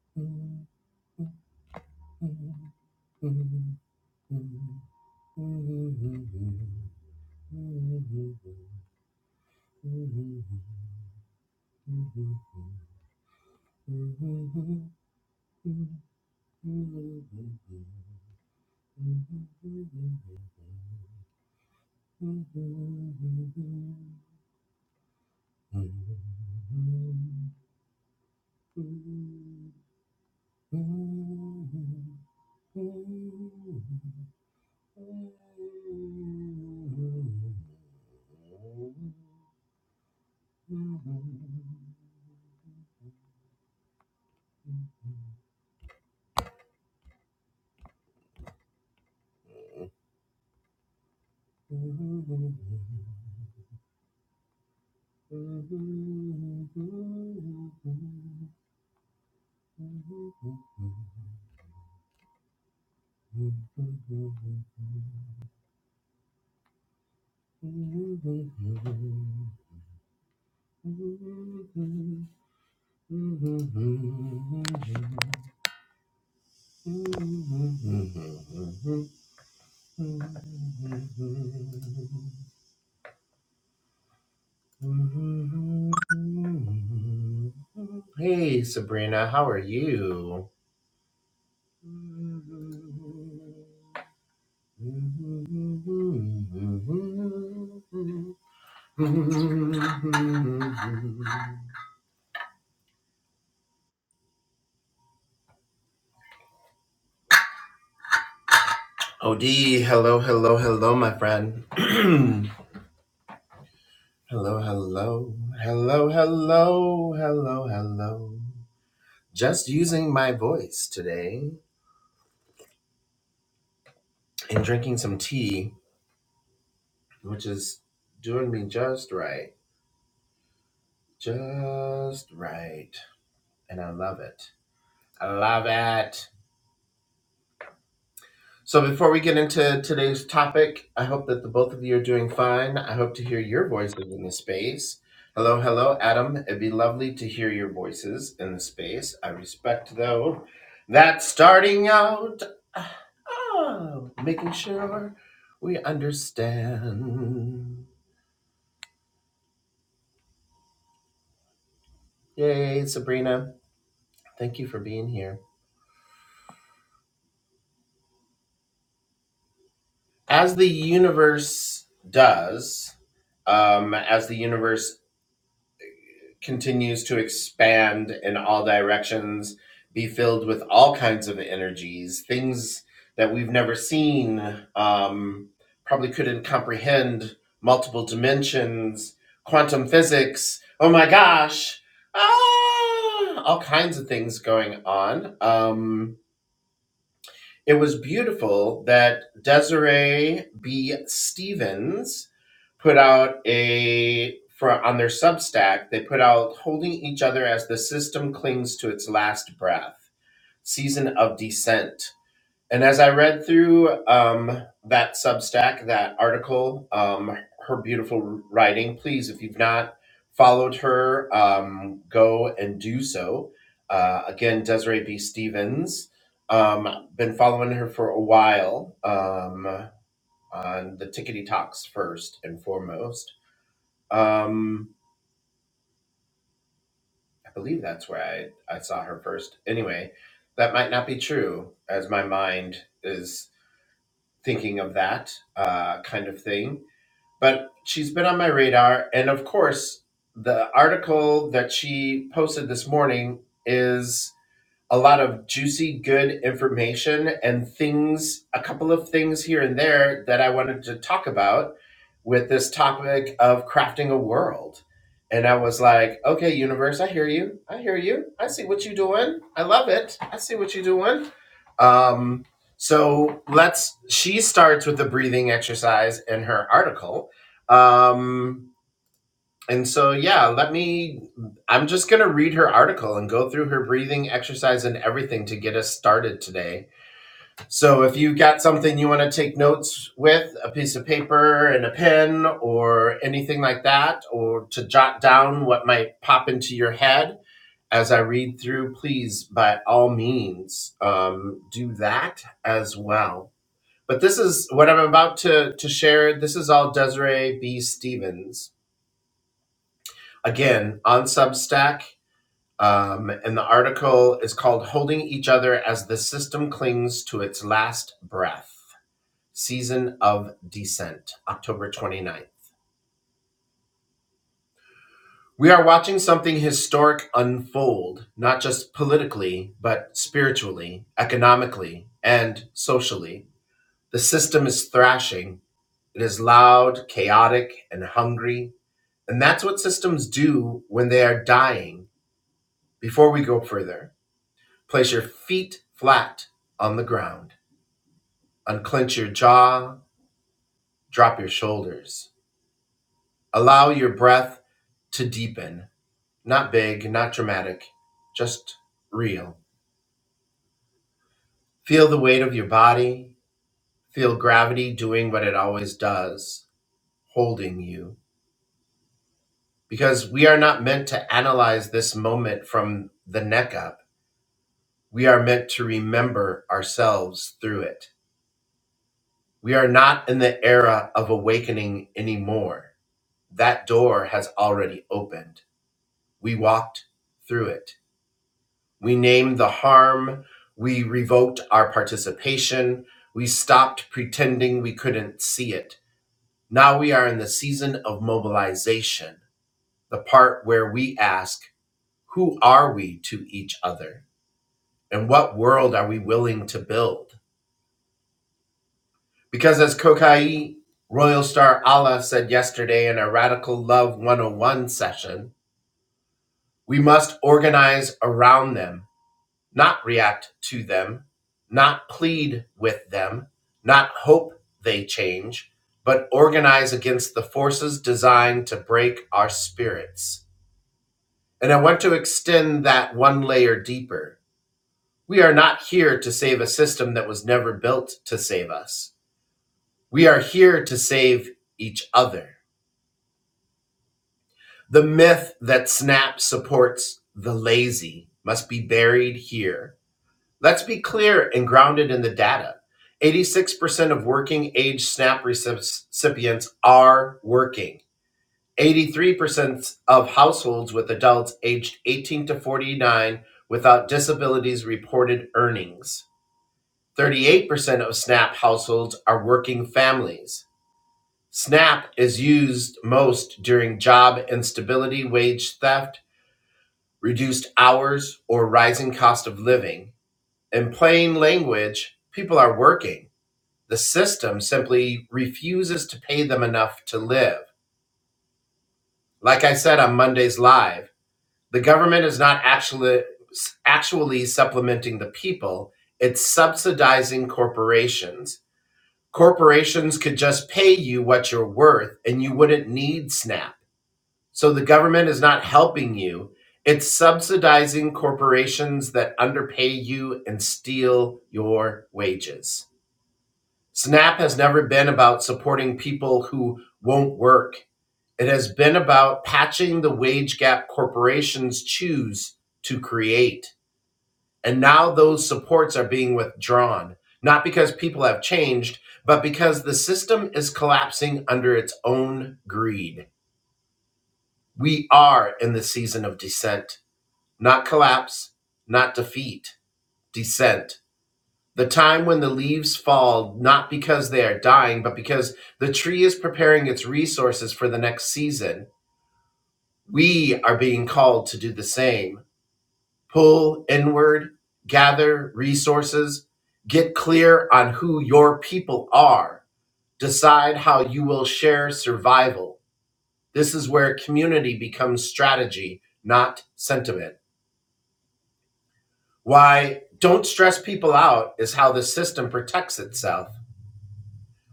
Mm-hmm. Mm-hmm. Hey Sabrina, how are you? OD, hello, hello, hello, my friend. hello, hello, hello, hello, hello, hello. Just using my voice today and drinking some tea, which is doing me just right. Just right. And I love it. I love it. So before we get into today's topic, I hope that the both of you are doing fine. I hope to hear your voices in the space. Hello, hello, Adam. It'd be lovely to hear your voices in the space. I respect though that starting out, oh, making sure we understand. Yay, Sabrina! Thank you for being here. As the universe does, um, as the universe continues to expand in all directions, be filled with all kinds of energies, things that we've never seen, um, probably couldn't comprehend, multiple dimensions, quantum physics. Oh my gosh! Ah, all kinds of things going on. Um, it was beautiful that Desiree B. Stevens put out a for on their Substack, they put out holding each other as the system clings to its last breath. Season of descent. And as I read through um, that Substack, that article, um, her beautiful writing. Please, if you've not followed her, um, go and do so. Uh, again, Desiree B. Stevens. Um, been following her for a while um, on the Tickety Talks first and foremost um, I believe that's where I, I saw her first. Anyway, that might not be true, as my mind is thinking of that uh, kind of thing. But she's been on my radar. And of course, the article that she posted this morning is a lot of juicy, good information and things, a couple of things here and there that I wanted to talk about with this topic of crafting a world. And I was like, okay, universe, I hear you. I hear you. I see what you're doing. I love it. I see what you're doing. Um, so let's, she starts with the breathing exercise in her article. Um, and so, yeah, let me. I'm just going to read her article and go through her breathing exercise and everything to get us started today. So, if you've got something you want to take notes with, a piece of paper and a pen or anything like that, or to jot down what might pop into your head as I read through, please, by all means, um, do that as well. But this is what I'm about to, to share. This is all Desiree B. Stevens. Again, on Substack, Um, and the article is called Holding Each Other as the System Clings to Its Last Breath Season of Descent, October twenty ninth. We are watching something historic unfold, not just politically, but spiritually, economically, and socially. The system is thrashing. It is loud, chaotic, and hungry. And that's what systems do when they are dying. Before we go further, place your feet flat on the ground. Unclench your jaw, drop your shoulders. Allow your breath to deepen. Not big, not dramatic, just real. Feel the weight of your body. Feel gravity doing what it always does, holding you. Because we are not meant to analyze this moment from the neck up. We are meant to remember ourselves through it. We are not in the era of awakening anymore. That door has already opened We walked through it. We named the harm. We revoked our participation. We stopped pretending we couldn't see it. Now we are in the season of mobilization, the part where we ask, who are we to each other? And what world are we willing to build? Because as Kokai Royal Star Allah said yesterday in a Radical Love 101 session, we must organize around them not react to them, not plead with them, not hope they change, but organize against the forces designed to break our spirits. And I want to extend that one layer deeper. We are not here to save a system that was never built to save us. We are here to save each other. The myth that SNAP supports the lazy must be buried here Let's be clear and grounded in the data. 86% of working age SNAP recipients are working. 83% of households with adults aged 18 to 49 without disabilities reported earnings. 38% of SNAP households are working families. SNAP is used most during job instability, wage theft, reduced hours, or rising cost of living in plain language, people are working. The system simply refuses to pay them enough to live. Like I said on Monday's live, the government is not actually actually supplementing the people, it's subsidizing corporations. Corporations could just pay you what you're worth and you wouldn't need SNAP. So the government is not helping you. It's subsidizing corporations that underpay you and steal your wages. SNAP has never been about supporting people who won't work. It has been about patching the wage gap corporations choose to create. And now those supports are being withdrawn, not because people have changed, but because the system is collapsing under its own greed. We are in the season of descent, not collapse, not defeat, descent. the time when the leaves fall, not because they are dying, but because the tree is preparing its resources for the next season. We are being called to do the same pull inward, gather resources, get clear on who your people are, decide how you will share survival. This is where community becomes strategy, not sentiment. Why don't stress people out is how the system protects itself.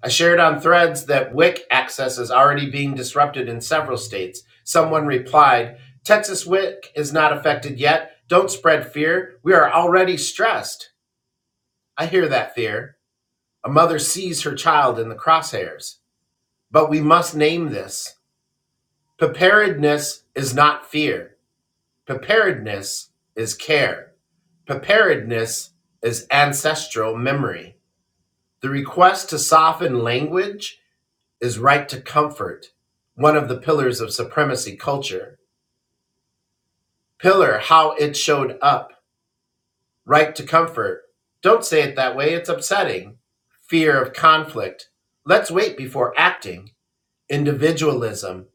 I shared on threads that WIC access is already being disrupted in several states. Someone replied, Texas WIC is not affected yet. Don't spread fear. We are already stressed. I hear that fear. A mother sees her child in the crosshairs. But we must name this. Preparedness is not fear. Preparedness is care. Preparedness is ancestral memory. The request to soften language is right to comfort, one of the pillars of supremacy culture. Pillar, how it showed up, right to comfort. Don't say it that way, it's upsetting. Fear of conflict. Let's wait before acting. Individualism.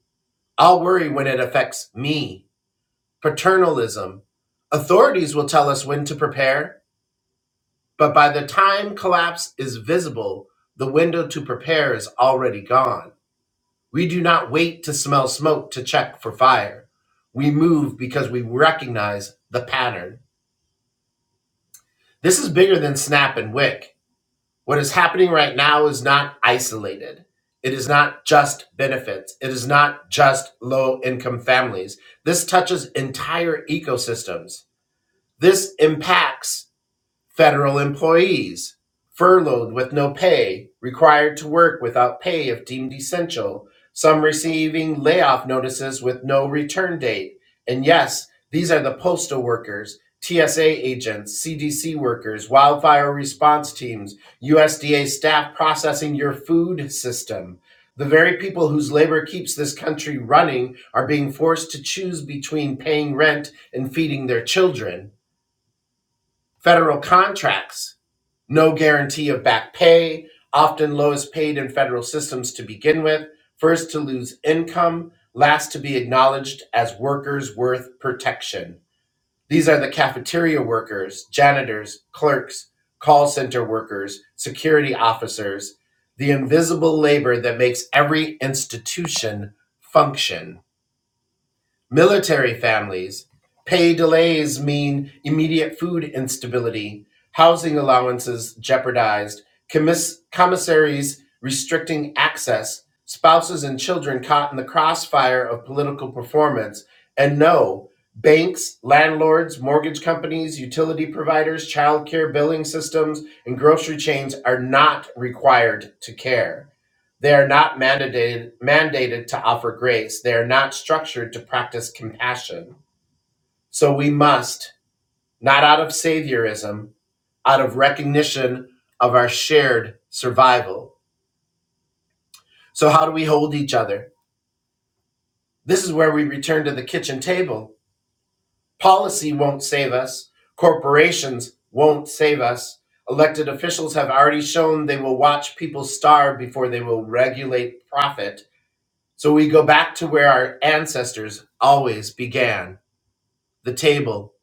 I'll worry when it affects me. Paternalism. Authorities will tell us when to prepare, but by the time collapse is visible, the window to prepare is already gone. We do not wait to smell smoke to check for fire. We move because we recognize the pattern. This is bigger than Snap and Wick. What is happening right now is not isolated. It is not just benefits. It is not just low income families. This touches entire ecosystems. This impacts Federal employees furloughed with no pay, required to work without pay if deemed essential, some receiving layoff notices with no return date. And yes, these are the postal workers, TSA agents, CDC workers, wildfire response teams, USDA staff processing your food system. The very people whose labor keeps this country running are being forced to choose between paying rent and feeding their children. Federal contracts, no guarantee of back pay, often lowest paid in federal systems to begin with, first to lose income, last to be acknowledged as workers worth protection. These are the cafeteria workers, janitors, clerks, call center workers, security officers, the invisible labor that makes every institution function. Military families, pay delays mean immediate food instability, housing allowances jeopardized, commis- commissaries restricting access, spouses and children caught in the crossfire of political performance. And no, banks, landlords, mortgage companies, utility providers, childcare billing systems, and grocery chains are not required to care they are not mandated, mandated to offer grace. They are not structured to practice compassion. So we must, not out of saviorism, out of recognition of our shared survival. So, how do we hold each other? This is where we return to the kitchen table. Policy won't save us, corporations won't save us. Elected officials have already shown they will watch people starve before they will regulate profit So we go back to where our ancestors always began the table,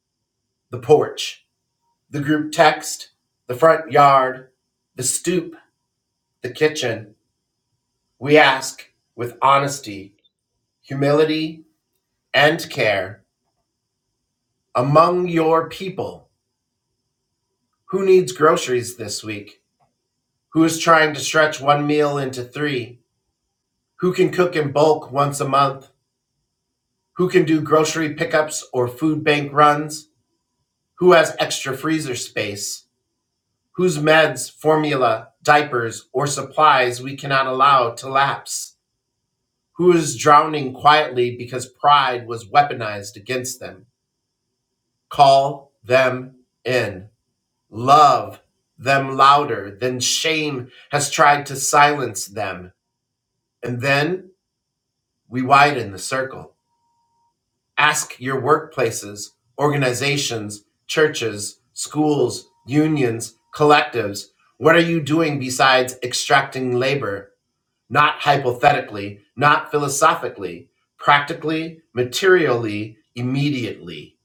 the porch, the group text, the front yard, the stoop, the kitchen. We ask with honesty, humility, and care among your people who needs groceries this week? Who is trying to stretch one meal into three? Who can cook in bulk once a month? Who can do grocery pickups or food bank runs? Who has extra freezer space? whose meds, formula, diapers, or supplies we cannot allow to lapse, who is drowning quietly because pride was weaponized against them. Call them in. Love them louder than shame has tried to silence them. And then we widen the circle. Ask your workplaces, organizations, churches, schools, unions, collectives what are you doing besides extracting labor? not hypothetically, not philosophically, practically, materially, immediately.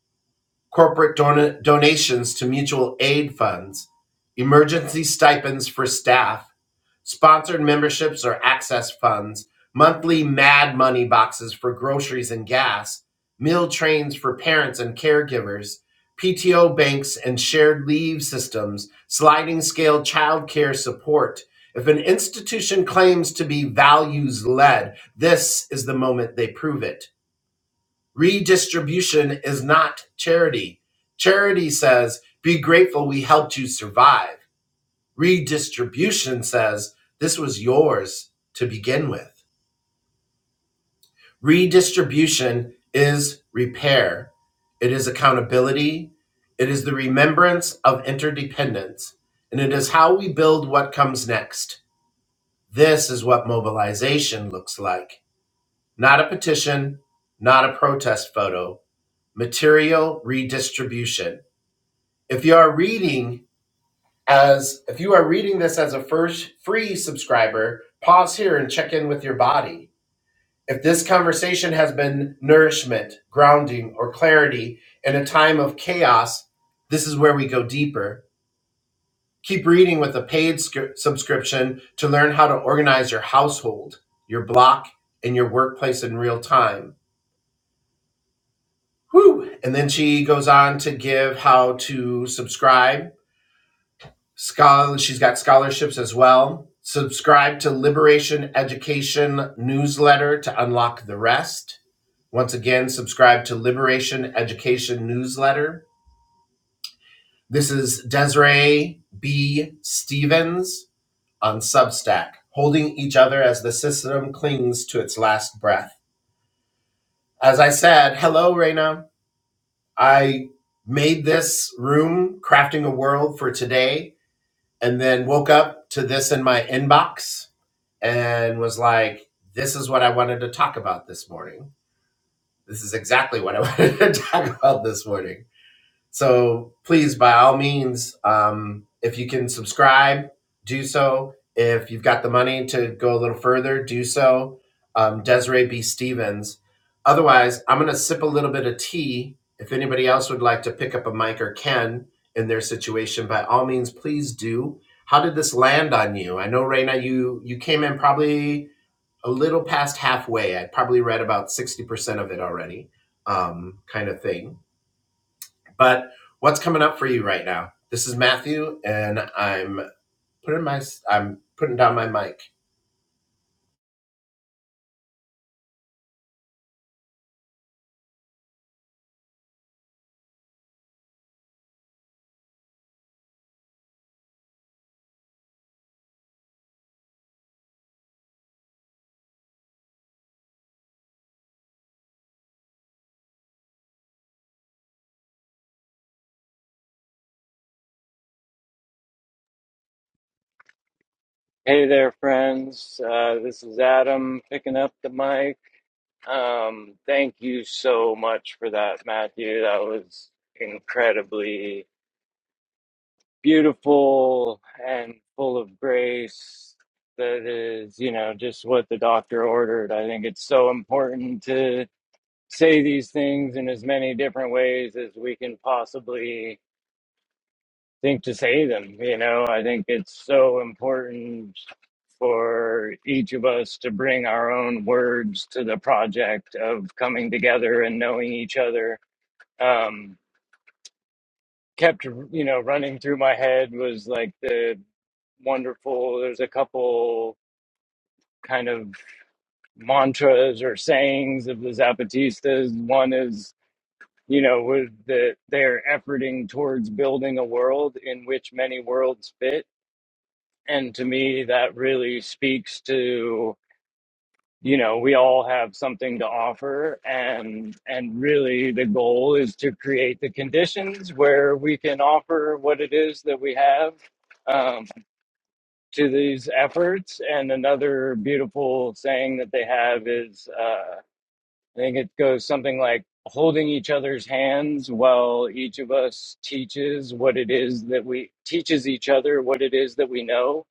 Corporate don- donations to mutual aid funds, emergency stipends for staff, Sponsored memberships or access funds, monthly mad money boxes for groceries and gas, meal trains for parents and caregivers, PTO banks and shared leave systems, sliding scale childcare support. If an institution claims to be values led, this is the moment they prove it. Redistribution is not charity. Charity says, be grateful we helped you survive. Redistribution says this was yours to begin with. Redistribution is repair, it is accountability, it is the remembrance of interdependence, and it is how we build what comes next. This is what mobilization looks like not a petition, not a protest photo, material redistribution. If you are reading As if you are reading this as a first free subscriber, pause here and check in with your body. If this conversation has been nourishment, grounding, or clarity in a time of chaos, this is where we go deeper. Keep reading with a paid scri- subscription to learn how to organize your household, your block, and your workplace in real time. Whew. And then she goes on to give how to subscribe Scholar, she's got scholarships as well. Subscribe to Liberation Education newsletter to unlock the rest. Once again, subscribe to Liberation Education newsletter. This is Desiree B. Stevens on Substack, holding each other as the system clings to its last breath. As I said, hello, Raina. I made this room, crafting a world for today, and then woke up to this in my inbox and was like, This is what I wanted to talk about this morning. This is exactly what I wanted to talk about this morning. So please, by all means, um, if you can subscribe, do so. If you've got the money to go a little further, do so. Um, Desiree B. Stevens. Otherwise, I'm going to sip a little bit of tea. If anybody else would like to pick up a mic or can in their situation, by all means, please do. How did this land on you? I know, Raina, you you came in probably a little past halfway. I'd probably read about 60% of it already, um, kind of thing. But what's coming up for you right now? This is Matthew, and I'm putting my I'm putting down my mic. Hey there, friends. Uh, this is Adam picking up the mic. Um, thank you so much for that, Matthew. That was incredibly beautiful and full of grace. That is, you know, just what the doctor ordered. I think it's so important to say these things in as many different ways as we can possibly think to say them. You know, I think it's so important for each of us to bring our own words to the project of coming together and knowing each other. Um, kept, you know, running through my head was like the wonderful, there's a couple kind of mantras or sayings of the Zapatistas. One is, you know, with that they're efforting towards building a world in which many worlds fit And to me, that really speaks to, you know, we all have something to offer. And, and really the goal is to create the conditions where we can offer what it is that we have um, to these efforts. And another beautiful saying that they have is, uh, I think it goes something like holding each other's hands while each of us teaches what it is that we teaches each other what it is that we know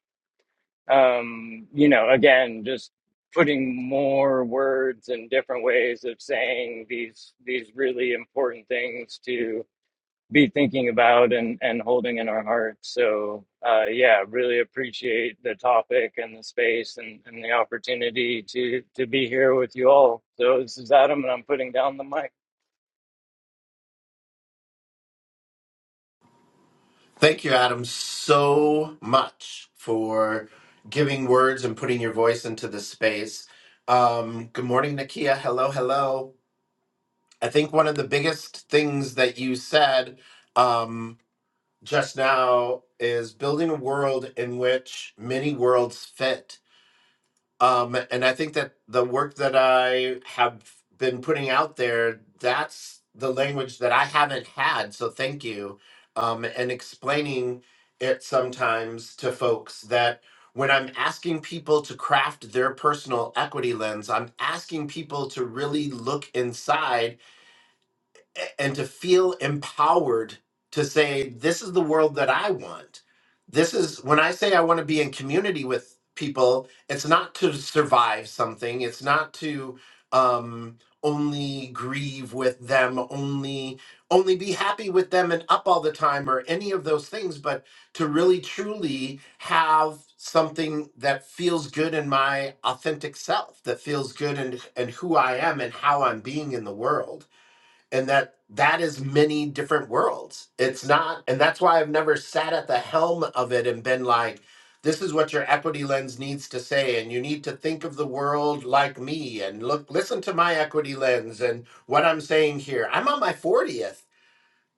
um, you know, again, just putting more words and different ways of saying these these really important things to be thinking about and and holding in our hearts. So, uh, yeah, really appreciate the topic and the space and, and the opportunity to to be here with you all. So this is Adam, and I'm putting down the mic. Thank you, Adam, so much for giving words and putting your voice into this space. Um, good morning, Nakia. Hello, hello. I think one of the biggest things that you said just now is building a world in which many worlds fit. Um, and I think that the work that I have been putting out there, that's the language that I haven't had. So thank you. Um, and explaining it sometimes to folks that when I'm asking people to craft their personal equity lens, I'm asking people to really look inside and to feel empowered to say this is the world that i want this is when i say i want to be in community with people it's not to survive something it's not to um only grieve with them only only be happy with them and up all the time or any of those things but to really truly have something that feels good in my authentic self that feels good and and who i am and how i'm being in the world and that that is many different worlds it's not and that's why i've never sat at the helm of it and been like this is what your equity lens needs to say and you need to think of the world like me and look listen to my equity lens and what i'm saying here i'm on my 40th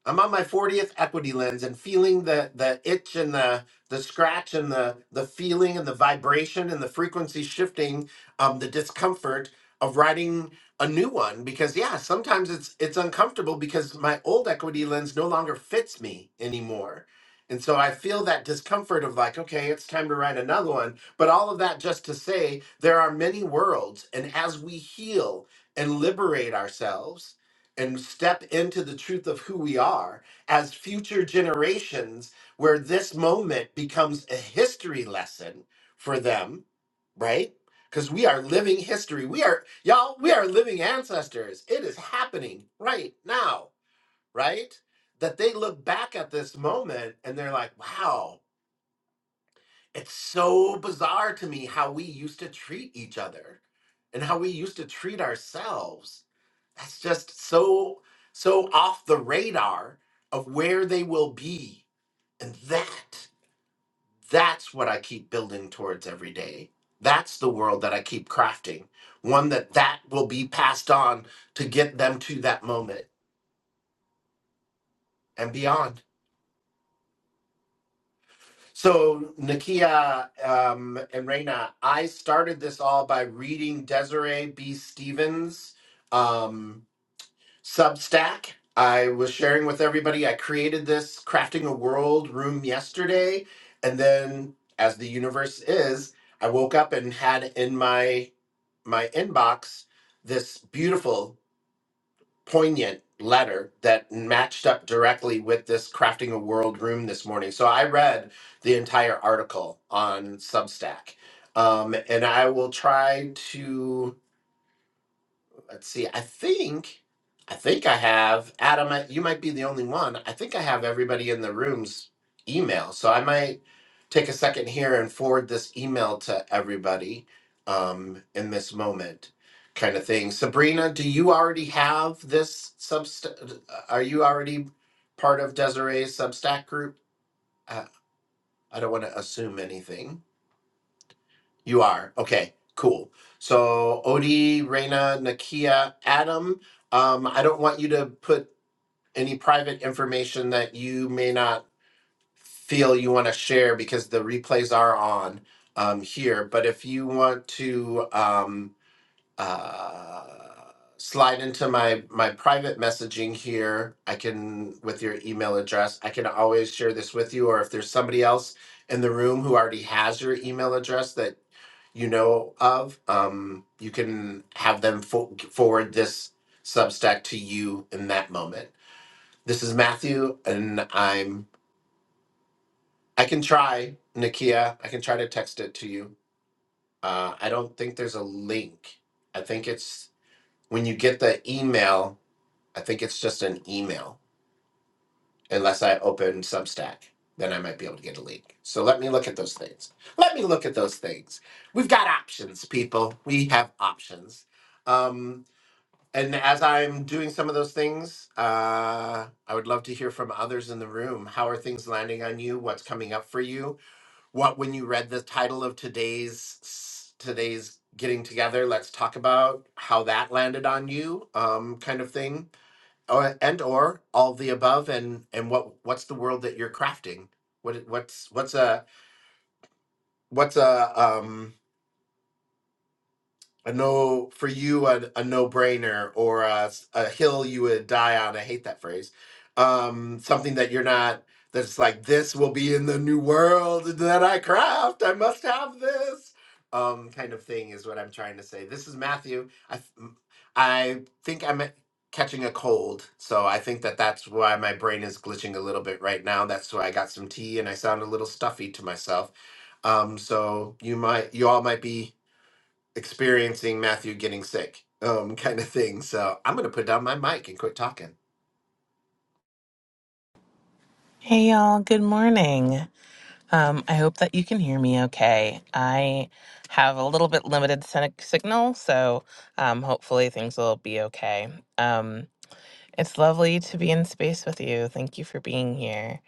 I'm on my 40th equity lens and feeling the the itch and the the scratch and the the feeling and the vibration and the frequency shifting, um, the discomfort of writing a new one because yeah, sometimes it's it's uncomfortable because my old equity lens no longer fits me anymore. And so I feel that discomfort of like, okay, it's time to write another one. But all of that just to say there are many worlds. And as we heal and liberate ourselves, and step into the truth of who we are as future generations, where this moment becomes a history lesson for them, right? Because we are living history. We are, y'all, we are living ancestors. It is happening right now, right? That they look back at this moment and they're like, wow, it's so bizarre to me how we used to treat each other and how we used to treat ourselves that's just so so off the radar of where they will be. And that that's what I keep building towards every day. That's the world that I keep crafting. One that that will be passed on to get them to that moment and beyond. So Nakia um, and Reina, I started this all by reading Desiree B. Stevens. um, Substack. I was sharing with everybody. I created this crafting a world room yesterday, and then as the universe is, I woke up and had in my my inbox this beautiful, poignant letter that matched up directly with this crafting a world room this morning. So I read the entire article on Substack, um, and I will try to Let's see. I think I think I have Adam. I- You might be the only one. I think I have everybody in the room's email, so I might take a second here and forward this email to everybody um, in this moment, kind of thing. Sabrina, do you already have this subst? Are you already part of Desiree's Substack group? Uh, I don't want to assume anything. You are. Okay, cool. So Odie, Reina, Nakia, Adam, um, I don't want you to put any private information that you may not feel you want to share because the replays are on um, here. But if you want to um, uh, slide into my my private messaging here, I can with your email address. I can always share this with you, or if there's somebody else in the room who already has your email address that you know of, um, you can have them fo- forward this Substack to you in that moment. This is Matthew, and I'm. I can try Nakia. I can try to text it to you. Uh, I don't think there's a link. I think it's when you get the email. I think it's just an email, unless I open Substack. Then I might be able to get a link. So let me look at those things. Let me look at those things. We've got options, people. We have options. Um, And as I'm doing some of those things, uh, I would love to hear from others in the room. How are things landing on you? What's coming up for you? What, when you read the title of today's today's getting together, let's talk about how that landed on you, um, kind of thing, or, and or all the above, and and what what's the world that you're crafting? What what's what's a what's a um a no for you a, a no-brainer or a a hill you would die on i hate that phrase um something that you're not that's like this will be in the new world that i craft i must have this um kind of thing is what i'm trying to say this is matthew i th- m- i think i'm a- catching a cold so i think that that's why my brain is glitching a little bit right now that's why i got some tea and i sound a little stuffy to myself um so you might you all might be experiencing Matthew getting sick, um, kind of thing. So I'm gonna put down my mic and quit talking. Hey y'all, good morning. Um, I hope that you can hear me okay. I have a little bit limited sen- signal, so um, hopefully things will be okay. Um, it's lovely to be in space with you. Thank you for being here.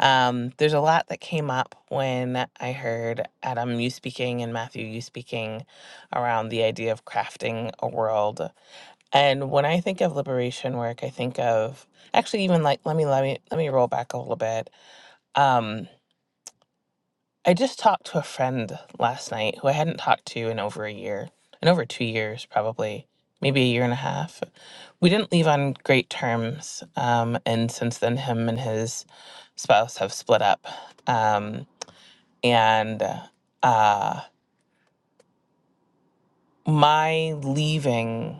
Um, there's a lot that came up when I heard Adam, you speaking, and Matthew, you speaking around the idea of crafting a world. And when I think of liberation work, I think of actually even like let me let me let me roll back a little bit. Um, I just talked to a friend last night who I hadn't talked to in over a year, in over two years, probably, maybe a year and a half. We didn't leave on great terms. Um, and since then, him and his spouse have split up. Um, and uh, my leaving.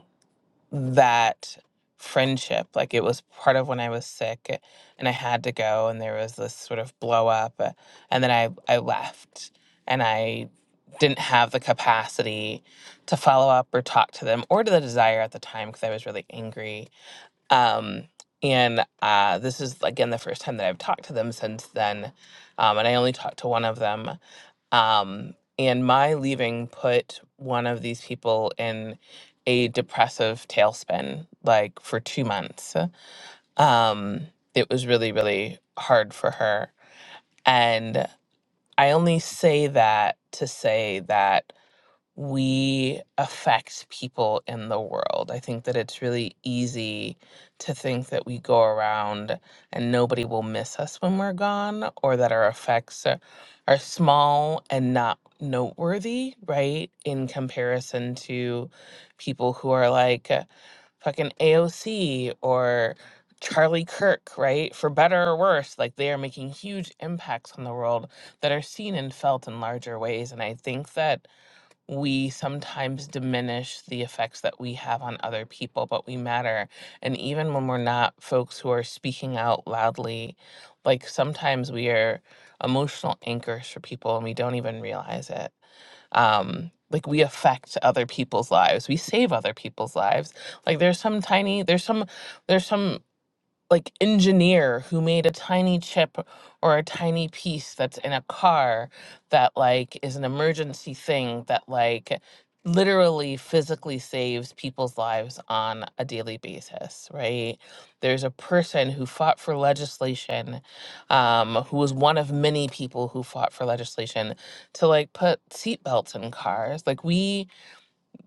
that friendship. Like it was part of when I was sick eh, and I had to go and there was this sort of blow up uh, and then I I left and I didn't have the capacity to follow up or talk to them or to the desire at the time because I was really angry. Um and uh, this is again the first time that I've talked to them since then, um, and I only talked to one of them. Um, and my leaving put one of these people in a depressive tailspin, like for two months. Um, it was really, really hard for her. And I only say that to say that we affect people in the world. I think that it's really easy to think that we go around and nobody will miss us when we're gone or that our effects are, are small and not noteworthy, right? In comparison to people who are like uh, fucking AOC or Charlie Kirk, right? For better or worse, like they are making huge impacts on the world that are seen and felt in larger ways. And I think that we sometimes diminish the effects that we have on other people, but we matter. And even when we're not folks who are speaking out loudly, like sometimes we are emotional anchors for people and we don't even realize it. Um, like we affect other people's lives, we save other people's lives. Like there's some tiny, there's some, there's some like engineer who made a tiny chip or a tiny piece that's in a car that like is an emergency thing that like literally physically saves people's lives on a daily basis right there's a person who fought for legislation um, who was one of many people who fought for legislation to like put seatbelts in cars like we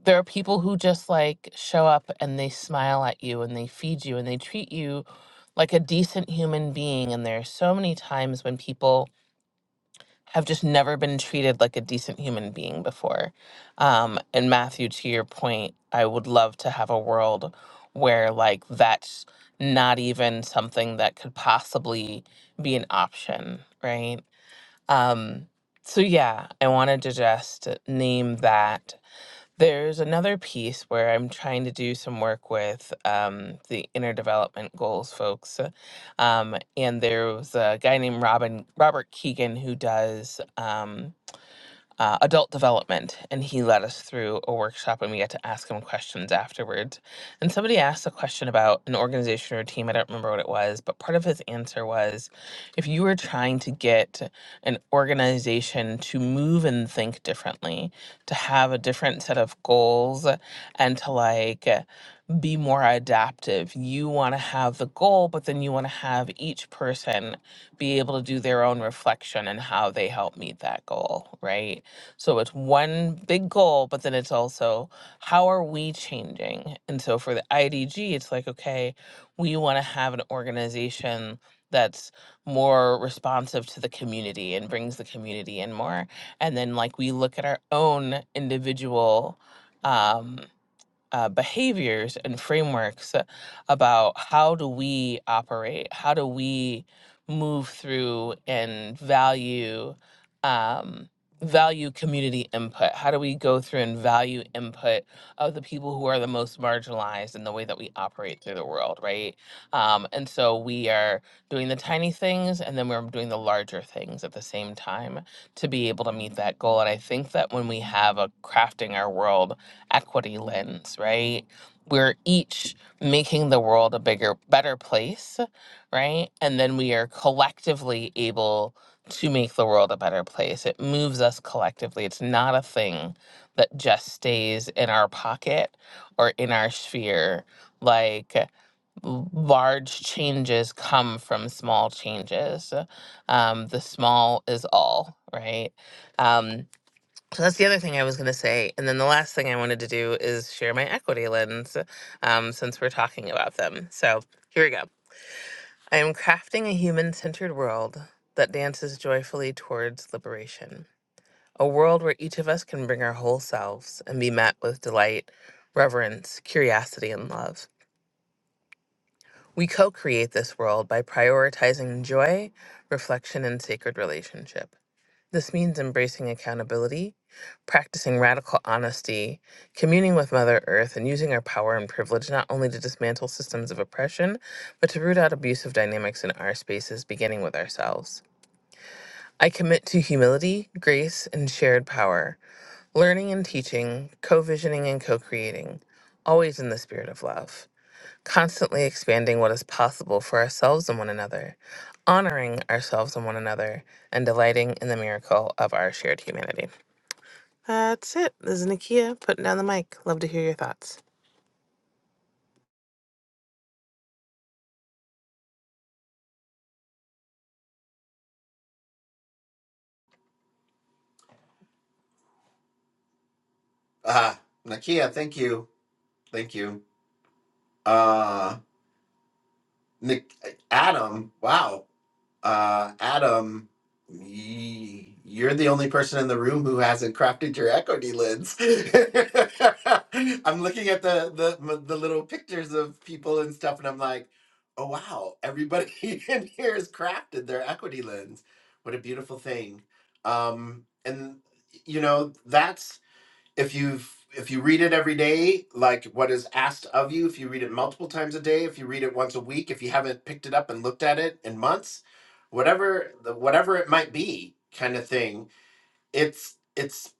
there are people who just like show up and they smile at you and they feed you and they treat you like a decent human being. And there are so many times when people have just never been treated like a decent human being before. Um, and Matthew, to your point, I would love to have a world where like that's not even something that could possibly be an option, right? Um, so yeah, I wanted to just name that there's another piece where I'm trying to do some work with um, the inner development goals folks, uh, um, and there was a guy named Robin Robert Keegan who does. Um, uh, adult development, and he led us through a workshop, and we got to ask him questions afterwards. And somebody asked a question about an organization or a team. I don't remember what it was, but part of his answer was, if you were trying to get an organization to move and think differently, to have a different set of goals, and to like be more adaptive. You want to have the goal, but then you want to have each person be able to do their own reflection and how they help meet that goal, right? So it's one big goal, but then it's also how are we changing? And so for the IDG, it's like, okay, we want to have an organization that's more responsive to the community and brings the community in more. And then, like, we look at our own individual. Um, uh, behaviors and frameworks uh, about how do we operate, how do we move through and value um, value community input, how do we go through and value input of the people who are the most marginalized in the way that we operate through the world, right? Um, and so we are doing the tiny things and then we're doing the larger things at the same time to be able to meet that goal. And I think that when we have a crafting our world equity lens, right? We're each making the world a bigger, better place, right? And then we are collectively able to make the world a better place. It moves us collectively. It's not a thing that just stays in our pocket or in our sphere. Like large changes come from small changes. Um, the small is all, right? Um, so that's the other thing I was going to say. And then the last thing I wanted to do is share my equity lens um, since we're talking about them. So here we go. I am crafting a human centered world that dances joyfully towards liberation, a world where each of us can bring our whole selves and be met with delight, reverence, curiosity, and love. We co create this world by prioritizing joy, reflection, and sacred relationship. This means embracing accountability, practicing radical honesty, communing with Mother Earth, and using our power and privilege not only to dismantle systems of oppression, but to root out abusive dynamics in our spaces, beginning with ourselves. I commit to humility, grace, and shared power, learning and teaching, co visioning and co creating, always in the spirit of love, constantly expanding what is possible for ourselves and one another, honoring ourselves and one another, and delighting in the miracle of our shared humanity. That's it. This is Nakia putting down the mic. Love to hear your thoughts. Uh Nakia, thank you, thank you. Uh, Nick, Adam, wow. uh, Adam, y- you're the only person in the room who hasn't crafted your equity lens. I'm looking at the, the m- the little pictures of people and stuff, and I'm like, oh wow, everybody in here has crafted their equity lens. What a beautiful thing. Um, and you know that's if you if you read it every day like what is asked of you if you read it multiple times a day if you read it once a week if you haven't picked it up and looked at it in months whatever the- whatever it might be kind of thing it's it's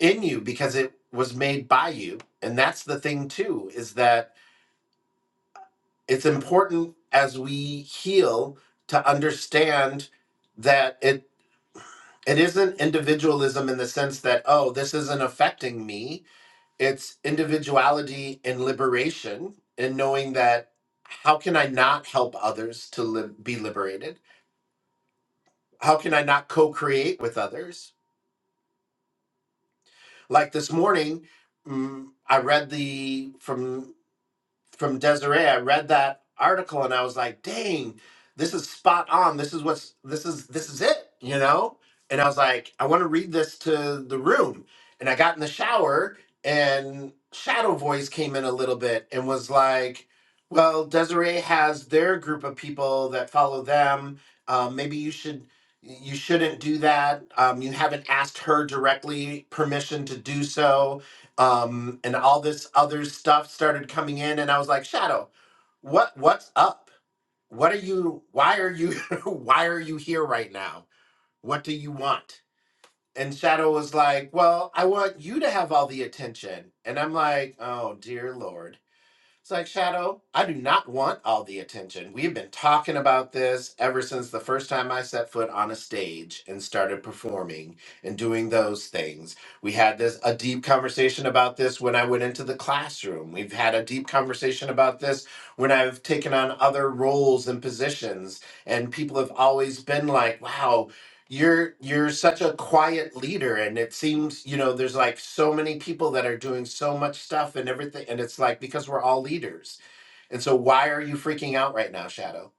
in you because it was made by you and that's the thing too is that it's important as we heal to understand that it it isn't individualism in the sense that oh this isn't affecting me it's individuality and liberation and knowing that how can i not help others to lib- be liberated how can i not co-create with others like this morning mm, i read the from from Desiree. I read that article and I was like, dang, this is spot on. This is what's this is this is it, you know? And I was like, I want to read this to the room. And I got in the shower and Shadow Voice came in a little bit and was like, well, Desiree has their group of people that follow them. Um, maybe you should you shouldn't do that. Um, you haven't asked her directly permission to do so um, and all this other stuff started coming in, and I was like, Shadow, what what's up? What are you? Why are you? why are you here right now? What do you want? And Shadow was like, Well, I want you to have all the attention, and I'm like, Oh dear lord. It's like, Shadow, I do not want all the attention. We've been talking about this ever since the first time I set foot on a stage and started performing and doing those things. We had this a deep conversation about this when I went into the classroom. We've had a deep conversation about this when I've taken on other roles and positions and people have always been like, "Wow, you're you're such a quiet leader and it seems you know there's like so many people that are doing so much stuff and everything and it's like because we're all leaders and so why are you freaking out right now shadow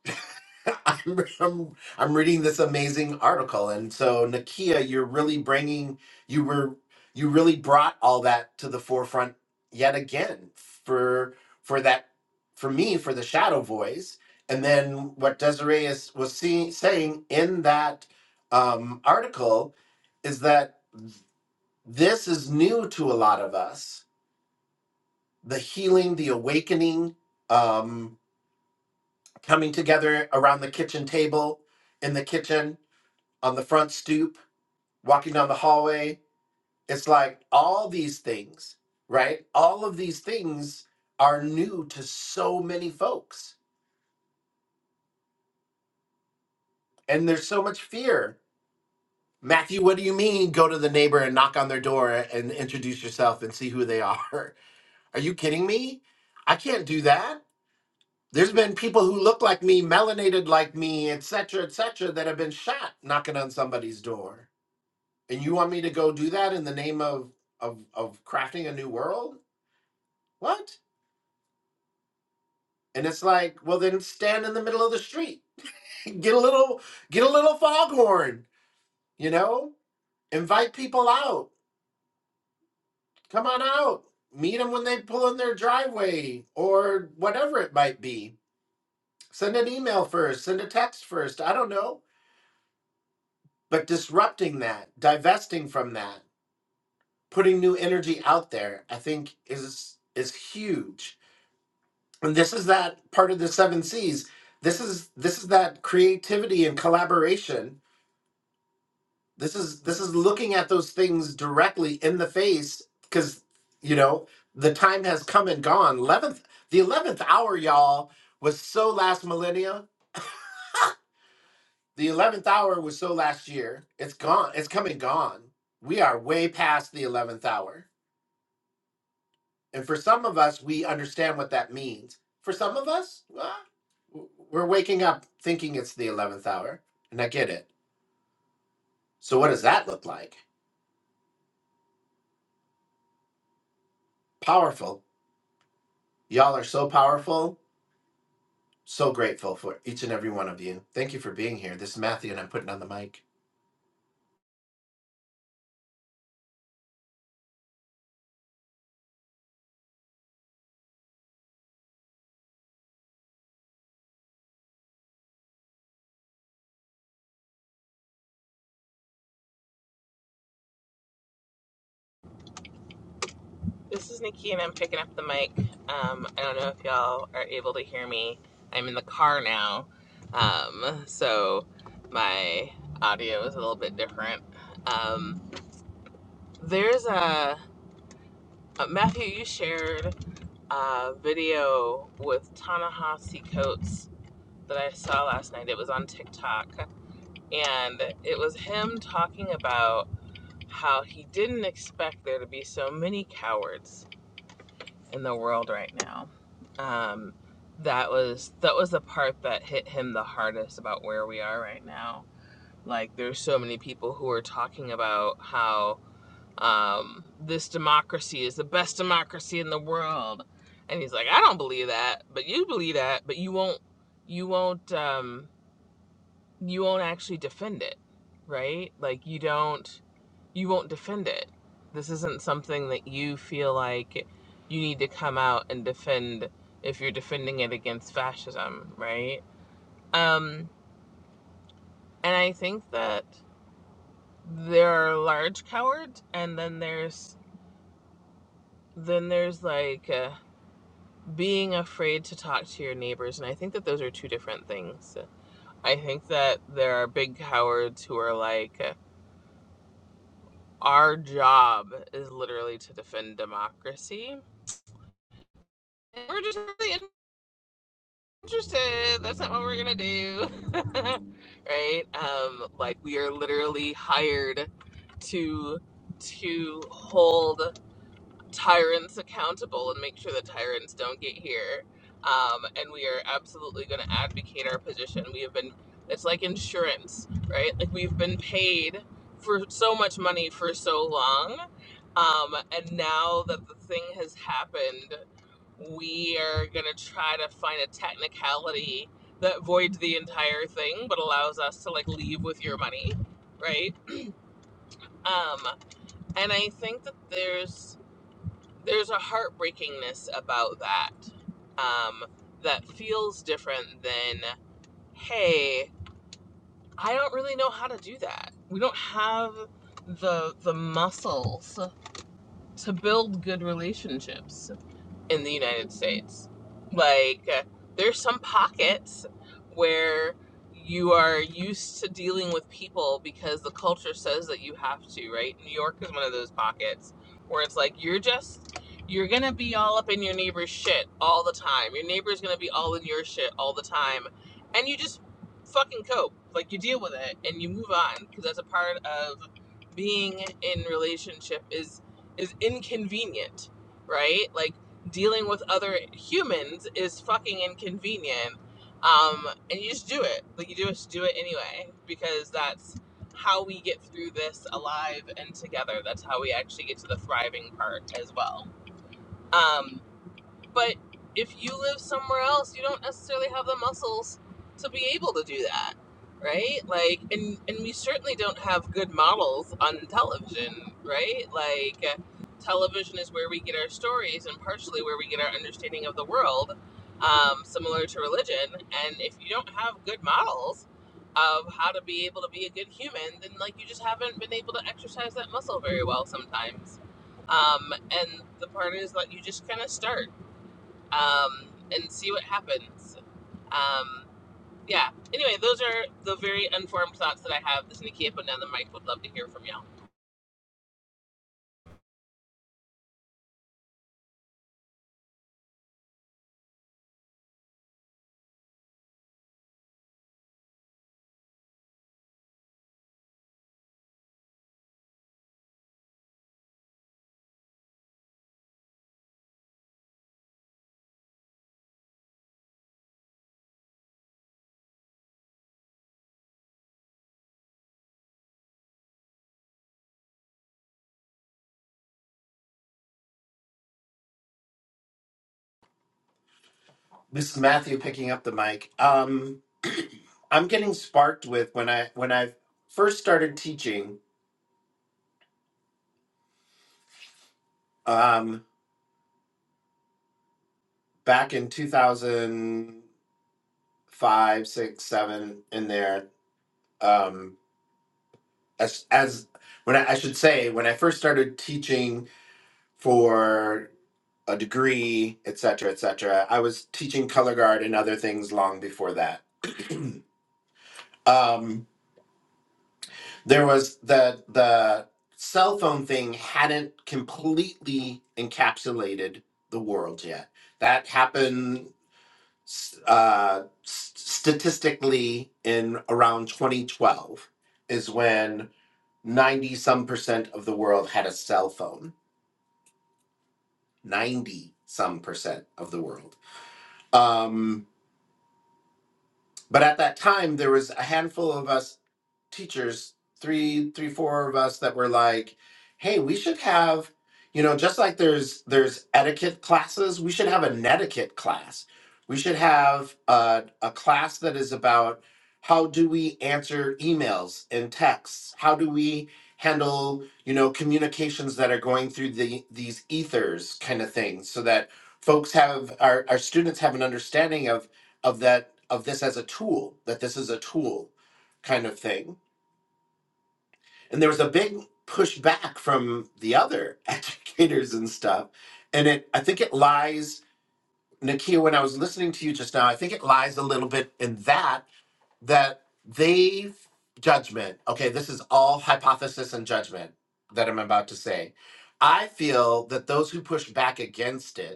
I'm, I'm I'm reading this amazing article, and so Nakia, you're really bringing you were you really brought all that to the forefront yet again for for that for me for the shadow voice, and then what Desiree is was seeing saying in that um, article is that this is new to a lot of us the healing the awakening um coming together around the kitchen table in the kitchen on the front stoop, walking down the hallway. It's like all these things, right? All of these things are new to so many folks. And there's so much fear. Matthew, what do you mean go to the neighbor and knock on their door and introduce yourself and see who they are? Are you kidding me? I can't do that. There's been people who look like me, melanated like me, et cetera, et cetera, that have been shot knocking on somebody's door. And you want me to go do that in the name of of of crafting a new world? What? And it's like, well, then stand in the middle of the street. Get a little, get a little foghorn. You know, invite people out. Come on out. Meet them when they pull in their driveway or whatever it might be. Send an email first. Send a text first. I don't know. But disrupting that, divesting from that, putting new energy out there, I think is is huge. And this is that part of the seven C's. This is this is that creativity and collaboration this is this is looking at those things directly in the face because you know the time has come and gone 11th the 11th hour y'all was so last millennia the 11th hour was so last year it's gone it's come and gone we are way past the 11th hour and for some of us we understand what that means for some of us well, we're waking up thinking it's the 11th hour and i get it so what does that look like powerful y'all are so powerful So grateful for each and every one of you. Thank you for being here. This is Matthew, and I'm putting on the mic. This is Nikki, and I'm picking up the mic. Um, I don't know if y'all are able to hear me. I'm in the car now, um, so my audio is a little bit different. Um, there's a, uh Matthew. You shared a video with Ta-Nehisi Coates that I saw last night. It was on TikTok, and it was him talking about. how he didn't expect there to be so many cowards in the world right now. Um, that was that was the part that hit him the hardest about where we are right now. Like there's so many people who are talking about how um, this democracy is the best democracy in the world, and he's like, I don't believe that, but you believe that, but you won't you won't um, you won't actually defend it, right? Like you don't you won't defend it. This isn't something that you feel like you need to come out and defend if you're defending it against fascism, right? Um and I think that there are large cowards and then there's then there's like uh, being afraid to talk to your neighbors and i think that those are two different things i think that there are big cowards who are like uh, our job is literally to defend democracy. And we're just really interested. That's not what we're gonna do, right? Um, like we are literally hired to to hold tyrants accountable and make sure the tyrants don't get here. Um, and we are absolutely going to advocate our position. We have been, it's like insurance, right? Like we've been paid for so much money for so long. Um, and now that the thing has happened, we are going to try to find a technicality that voids the entire thing but allows us to like leave with your money, right? Um, and I think that there's there's a heartbreakingness about that um, that feels different than hey i don't really know how to do that we don't have the the muscles to build good relationships in the United States. Like, uh, there's some pockets where you are used to dealing with people because the culture says that you have to, right? New York is one of those pockets where it's like you're just you're going to be all up in your neighbor's shit all the time. Your neighbor's going to be all in your shit all the time. And you just fucking cope. Like you deal with it and you move on because that's a part of being in relationship is is inconvenient, right? Like dealing with other humans is fucking inconvenient. Um, and you just do it. Like you just do it anyway because that's how we get through this alive and together. That's how we actually get to the thriving part as well. Um, but if you live somewhere else, you don't necessarily have the muscles to be able to do that, right? Like, and and we certainly don't have good models on television, right? Like, uh, television is where we get our stories and partially where we get our understanding of the world, um, similar to religion. And if you don't have good models of how to be able to be a good human, then like you just haven't been able to exercise that muscle very well sometimes. Um, and the part is that you just kind of start um, and see what happens. Um, yeah. Anyway, those are the very unformed thoughts that I have. This is Nikia putting down the mic. Would love to hear from y'all. This is Matthew picking up the mic. Um, I'm getting sparked with when I when I first started teaching um, back in 2005, six, seven, in there. Um, as as when I, I should say when I first started teaching for a degree, et cetera, et cetera, I was teaching color guard and other things long before that. um, there was the the cell phone thing hadn't completely encapsulated the world yet. That happened uh, statistically in around 2012 is when 90 some percent of the world had a cell phone. 90 some percent of the world. Um, but at that time, there was a handful of us teachers, three, three, four of us that were like, hey, we should have, you know, just like there's there's etiquette classes, we should have an etiquette class. We should have a, a class that is about how do we answer emails and texts? How do we handle, you know, communications that are going through the these ethers kind of thing so that folks have our, our students have an understanding of of that of this as a tool, that this is a tool kind of thing and there was a big pushback from the other educators and stuff and it i think it lies nakia when i was listening to you just now i think it lies a little bit in that that they have judgment okay this is all hypothesis and judgment that i'm about to say i feel that those who push back against it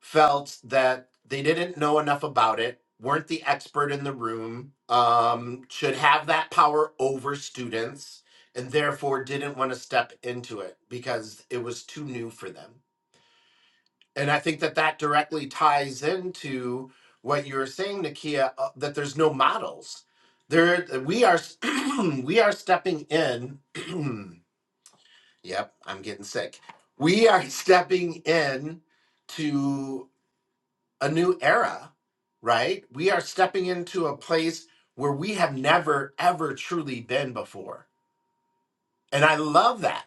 felt that they didn't know enough about it, weren't the expert in the room, um, should have that power over students, and therefore didn't want to step into it because it was too new for them. And I think that that directly ties into what you were saying, Nakia, uh, that there's no models. There, we are, s- we are stepping in. yep, I'm getting sick. We are stepping in a new era, right? We are stepping into a place where we have never, ever truly been before. And I love that.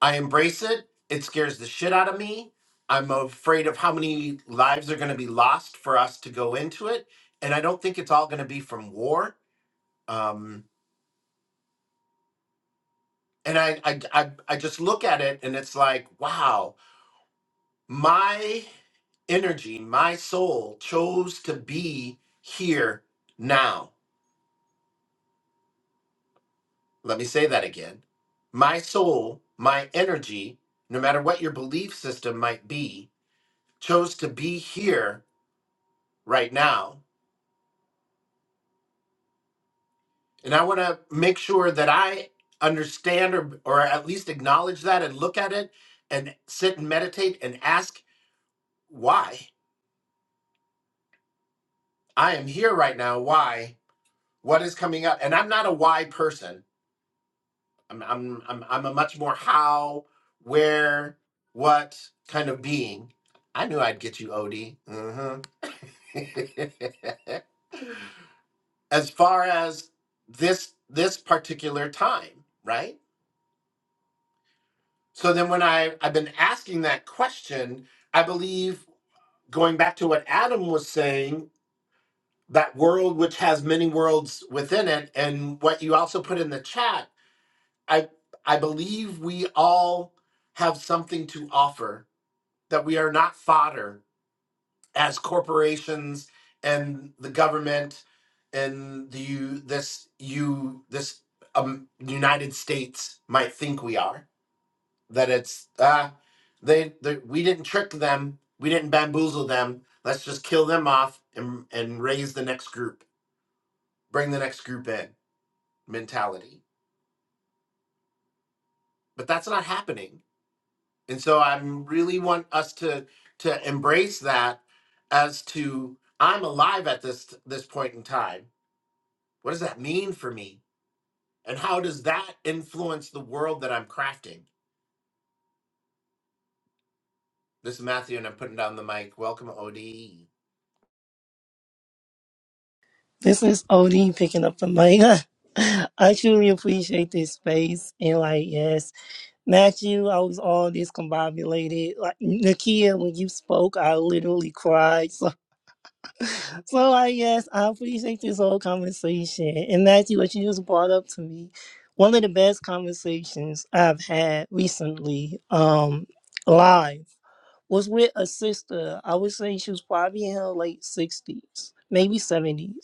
I embrace it. It scares the shit out of me. I'm afraid of how many lives are going to be lost for us to go into it. And I don't think it's all going to be from war. Um, and I, I, I, I just look at it and it's like, wow, my energy, my soul chose to be here now Let me say that again. My soul, my energy, no matter what your belief system might be, chose to be here right now. And I want to make sure that I understand or, or at least acknowledge that and look at it and sit and meditate and ask why. I am here right now. Why? What is coming up? And I'm not a why person. I'm I'm I'm I'm a much more how, where, what kind of being. I knew I'd get you, Od. hmm as far as this this particular time, right? So then when I I've been asking that question, I believe going back to what Adam was saying, that world which has many worlds within it and what you also put in the chat, I I believe we all have something to offer that we are not fodder as corporations and the government and the you this you this um, United States might think we are that it's uh they, they we didn't trick them we didn't bamboozle them let's just kill them off and and raise the next group bring the next group in mentality but that's not happening And so I really want us to to embrace that as to I'm alive at this this point in time. What does that mean for me? And how does that influence the world that I'm crafting? This is Matthew and I'm putting down the mic. Welcome OD. This is Odie picking up the mic. I truly appreciate this space and like yes, Matthew, I was all discombobulated. Like Nakia, when you spoke, I literally cried. So, so like yes, I appreciate this whole conversation. And Matthew, what you just brought up to me, one of the best conversations I've had recently, um, live, was with a sister. I would say she was probably in her late sixties, maybe seventies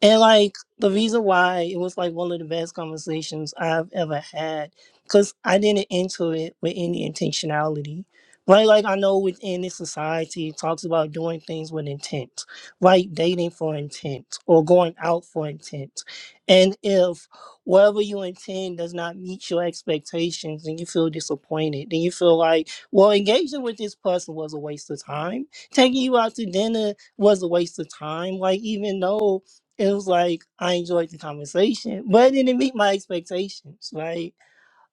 and like the reason why it was like one of the best conversations I've ever had, because I didn't enter it with any intentionality. Right, like I know within this society it talks about doing things with intent, right? Dating for intent or going out for intent. And if whatever you intend does not meet your expectations and you feel disappointed, then you feel like, well, engaging with this person was a waste of time. Taking you out to dinner was a waste of time. Like even though it was like I enjoyed the conversation, but it didn't meet my expectations. Like,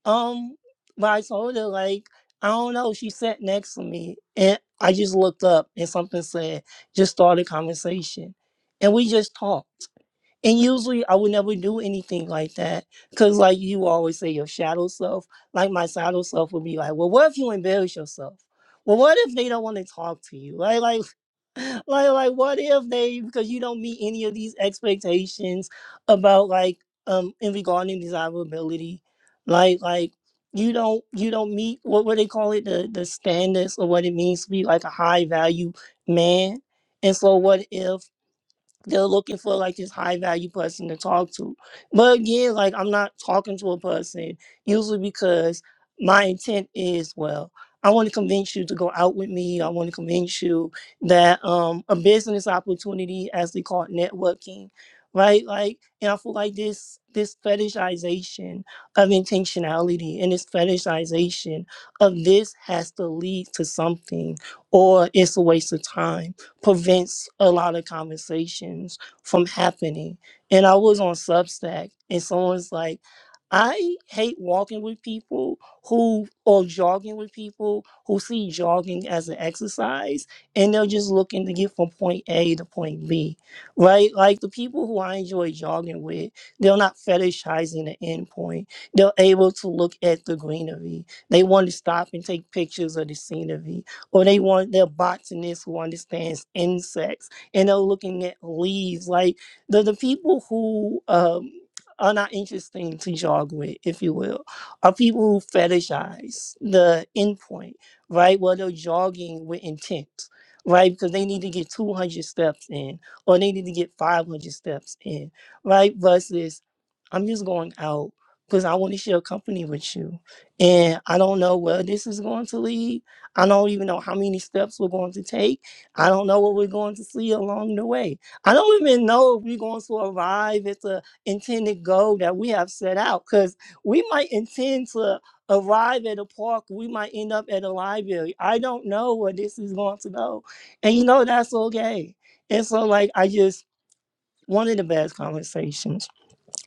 um, when I told her, like, I don't know, she sat next to me and I just looked up and something said, just start a conversation. And we just talked. And usually I would never do anything like that. Cause like you always say your shadow self, like my shadow self would be like, Well, what if you embarrass yourself? Well, what if they don't want to talk to you? Like like like like what if they because you don't meet any of these expectations about like um in regarding desirability, like like you don't you don't meet what what they call it the the standards of what it means to be like a high value man. And so what if they're looking for like this high value person to talk to. But again, like I'm not talking to a person usually because my intent is well, I want to convince you to go out with me. I want to convince you that um a business opportunity as they call it networking, right? Like and I feel like this this fetishization of intentionality and this fetishization of this has to lead to something or it's a waste of time prevents a lot of conversations from happening. And I was on Substack, and someone's like, I hate walking with people who or jogging with people who see jogging as an exercise and they're just looking to get from point A to point B, right? Like the people who I enjoy jogging with, they're not fetishizing the end point. They're able to look at the greenery. They want to stop and take pictures of the scenery or they want their botanist who understands insects and they're looking at leaves like the, the people who um, are not interesting to jog with if you will are people who fetishize the endpoint right Well, they're jogging with intent right because they need to get 200 steps in or they need to get 500 steps in right versus i'm just going out because i want to share company with you and i don't know where this is going to lead I don't even know how many steps we're going to take. I don't know what we're going to see along the way. I don't even know if we're going to arrive at the intended goal that we have set out because we might intend to arrive at a park. We might end up at a library. I don't know where this is going to go. And you know, that's okay. And so, like, I just, one of the best conversations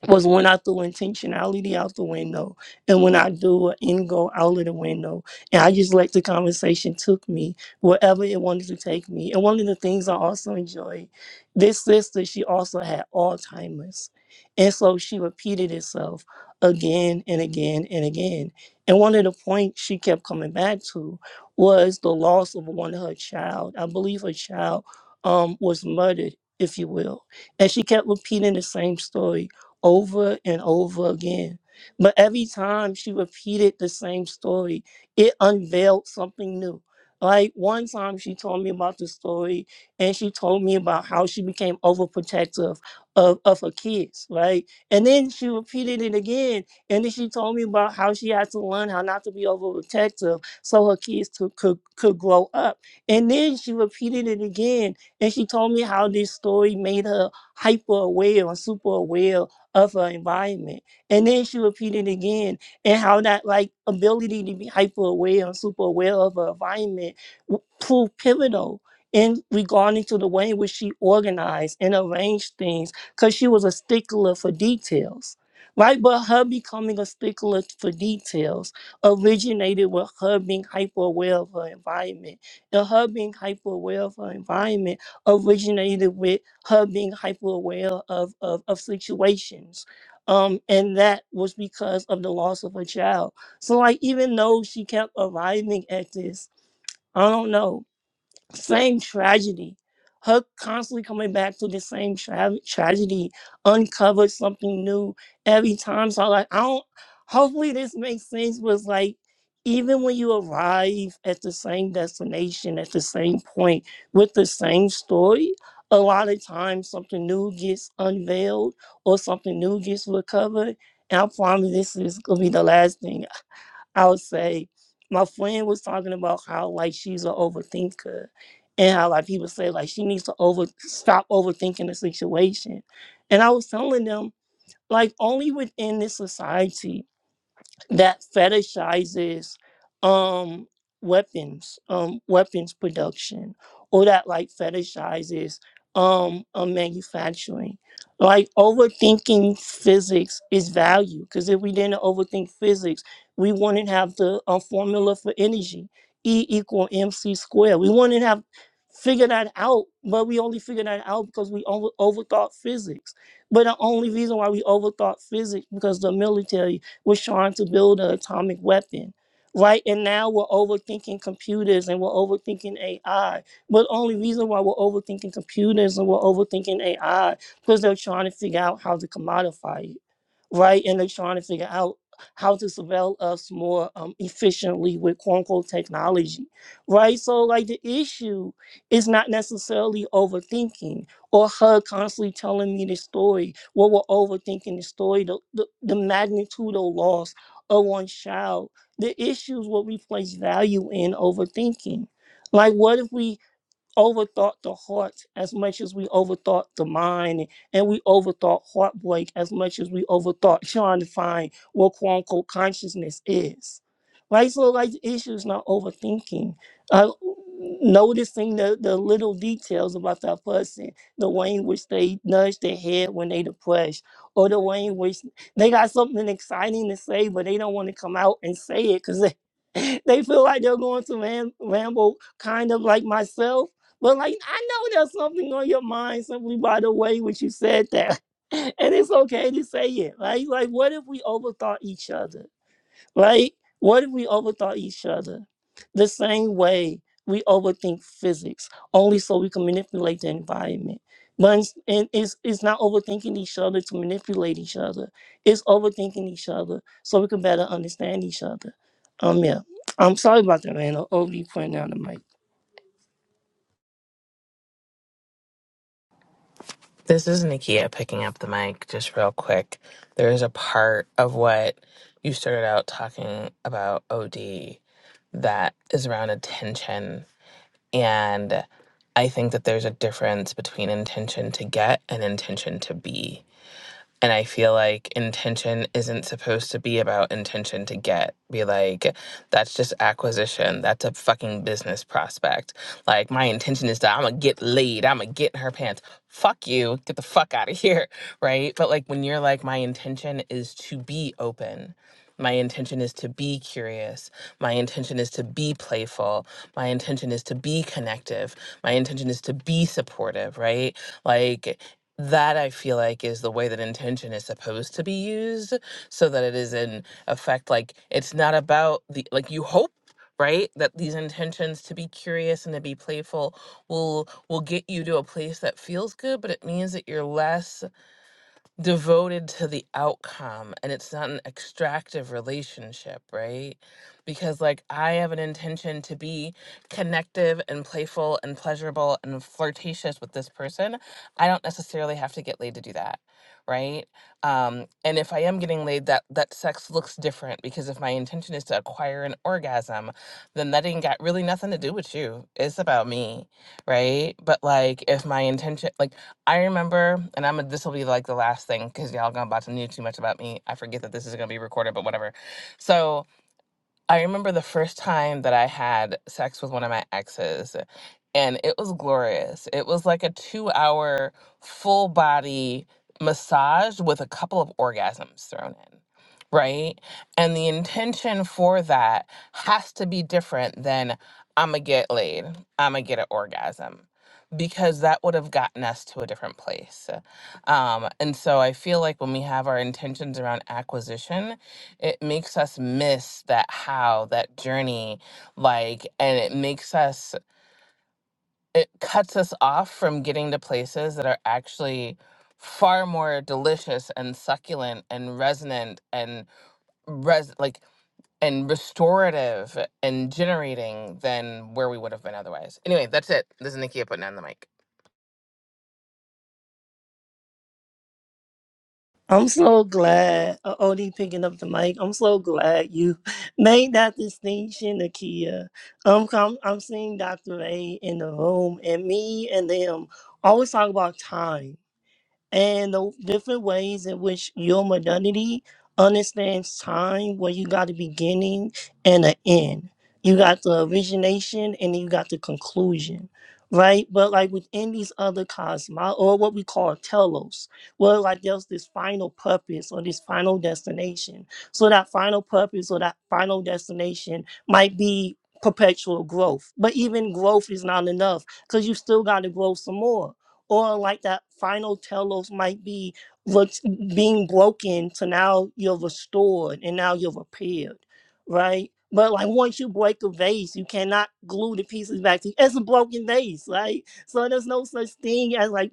was when I threw intentionality out the window and when I threw an end goal out of the window. And I just let the conversation took me wherever it wanted to take me. And one of the things I also enjoyed, this sister, she also had Alzheimer's. And so she repeated itself again and again and again. And one of the points she kept coming back to was the loss of one of her child. I believe her child um, was murdered, if you will. And she kept repeating the same story over and over again. But every time she repeated the same story, it unveiled something new. Like one time she told me about the story and she told me about how she became overprotective of, of her kids, right? And then she repeated it again. And then she told me about how she had to learn how not to be overprotective so her kids to, could, could grow up. And then she repeated it again. And she told me how this story made her hyper aware and super aware of her environment. And then she repeated again and how that like ability to be hyper aware and super aware of her environment w- proved pivotal in regarding to the way in which she organized and arranged things because she was a stickler for details. Right, but her becoming a stickler for details originated with her being hyper aware of her environment. And her being hyper aware of her environment originated with her being hyper aware of, of, of situations. Um, and that was because of the loss of her child. So, like, even though she kept arriving at this, I don't know same tragedy. Her constantly coming back to the same tra- tragedy, uncovered something new every time. So like, I don't. Hopefully, this makes sense. Was like, even when you arrive at the same destination, at the same point, with the same story, a lot of times something new gets unveiled or something new gets recovered. And I promise this is gonna be the last thing. I would say my friend was talking about how like she's an overthinker and how like people say like she needs to over stop overthinking the situation. And I was telling them like only within this society that fetishizes um weapons um weapons production or that like fetishizes um, um manufacturing like overthinking physics is value because if we didn't overthink physics we wouldn't have the uh, formula for energy e equal mc squared we wouldn't have figured that out but we only figured that out because we over- overthought physics but the only reason why we overthought physics because the military was trying to build an atomic weapon, right? And now we're overthinking computers and we're overthinking AI. But only reason why we're overthinking computers and we're overthinking AI because they're trying to figure out how to commodify it, right? And they're trying to figure out how to surveil us more um, efficiently with quote unquote technology, right? So, like, the issue is not necessarily overthinking or her constantly telling me this story, what we're overthinking the story, the, the, the magnitude of loss of one child, the issues what we place value in overthinking. Like what if we overthought the heart as much as we overthought the mind, and we overthought heartbreak as much as we overthought trying to find what quote unquote consciousness is. Right? So, like, the issue is not overthinking. Uh, noticing the, the little details about that person, the way in which they nudge their head when they depressed, or the way in which they got something exciting to say, but they don't want to come out and say it because they, they feel like they're going to ram- ramble kind of like myself but like I know there's something on your mind simply by the way which you said that. And it's okay to say it, right? Like what if we overthought each other? Right? What if we overthought each other? The same way we overthink physics, only so we can manipulate the environment. But it's, and it's, it's not overthinking each other to manipulate each other. It's overthinking each other so we can better understand each other. Um, yeah. I'm sorry about that, man. I'll over you pointing out the mic. This is Nikia picking up the mic just real quick. There is a part of what you started out talking about OD that is around intention. And I think that there's a difference between intention to get and intention to be. And I feel like intention isn't supposed to be about intention to get. Be like, that's just acquisition. That's a fucking business prospect. Like, my intention is that I'm gonna get laid. I'm gonna get in her pants. Fuck you. Get the fuck out of here. Right. But like, when you're like, my intention is to be open. My intention is to be curious. My intention is to be playful. My intention is to be connective. My intention is to be supportive, right? Like, that I feel like is the way that intention is supposed to be used so that it is in effect like it's not about the like you hope right that these intentions to be curious and to be playful will will get you to a place that feels good but it means that you're less devoted to the outcome and it's not an extractive relationship, right? Because like I have an intention to be connective and playful and pleasurable and flirtatious with this person. I don't necessarily have to get laid to do that, right? Um and if I am getting laid that that sex looks different because if my intention is to acquire an orgasm, then that ain't got really nothing to do with you. It's about me, right? But like if my intention like I remember, and I'm this will be like the last thing because y'all gonna about to know too much about me. I forget that this is gonna be recorded, but whatever. So I remember the first time that I had sex with one of my exes, and it was glorious. It was like a two hour full body massage with a couple of orgasms thrown in, right? And the intention for that has to be different than I'm gonna get laid, I'm gonna get an orgasm. Because that would have gotten us to a different place. Um, and so I feel like when we have our intentions around acquisition, it makes us miss that how that journey like and it makes us it cuts us off from getting to places that are actually far more delicious and succulent and resonant and res like and restorative and generating than where we would have been otherwise. Anyway, that's it. This is Nikia putting on the mic. I'm so glad, uh, Odie picking up the mic. I'm so glad you made that distinction, Akia. Um, I'm, I'm seeing Dr. A in the room, and me and them always talk about time and the different ways in which your modernity understands time where you got a beginning and an end. You got the origination and then you got the conclusion. Right? But like within these other cosmos or what we call telos, well like there's this final purpose or this final destination. So that final purpose or that final destination might be perpetual growth. But even growth is not enough because you still gotta grow some more or like that final telos might be what's being broken so now you're restored and now you're repaired, right? But like once you break a vase, you cannot glue the pieces back to it's a broken vase, right? So there's no such thing as like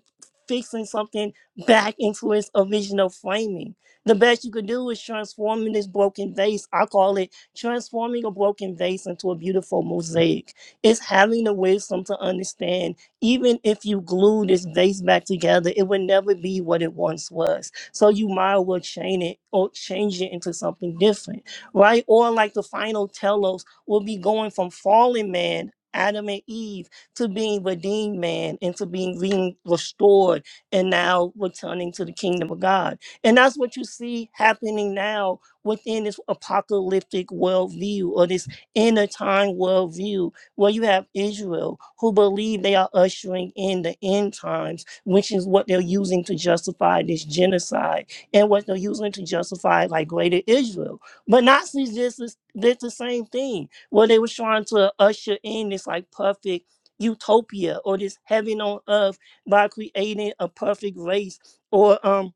fixing something back into its original framing. The best you could do is transforming this broken vase. I call it transforming a broken vase into a beautiful mosaic. It's having the wisdom to understand even if you glue this vase back together, it would never be what it once was. So you might as well chain it or change it into something different, right? Or like the final telos will be going from fallen man, Adam and Eve, to being redeemed man and to being re- restored and now returning to the kingdom of God. And that's what you see happening now within this apocalyptic worldview or this inner time worldview well, you have Israel who believe they are ushering in the end times, which is what they're using to justify this genocide and what they're using to justify like greater Israel. But Nazis just is- did the same thing where they were trying to usher in this like perfect utopia or this heaven on earth by creating a perfect race or um.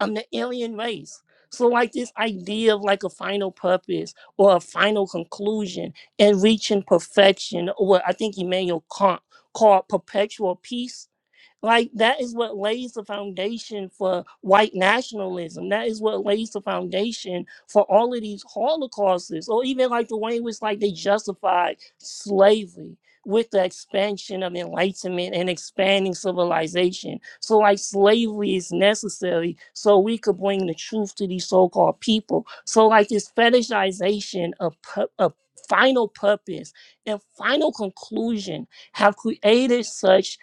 I'm the alien race. So like this idea of like a final purpose or a final conclusion and reaching perfection, or what I think Emmanuel Kant called perpetual peace. Like that is what lays the foundation for white nationalism. That is what lays the foundation for all of these holocausts, or even like the way in which like they justified slavery with the expansion of enlightenment and expanding civilization. So like slavery is necessary so we could bring the truth to these so-called people. So like this fetishization of pu- of final purpose and final conclusion have created such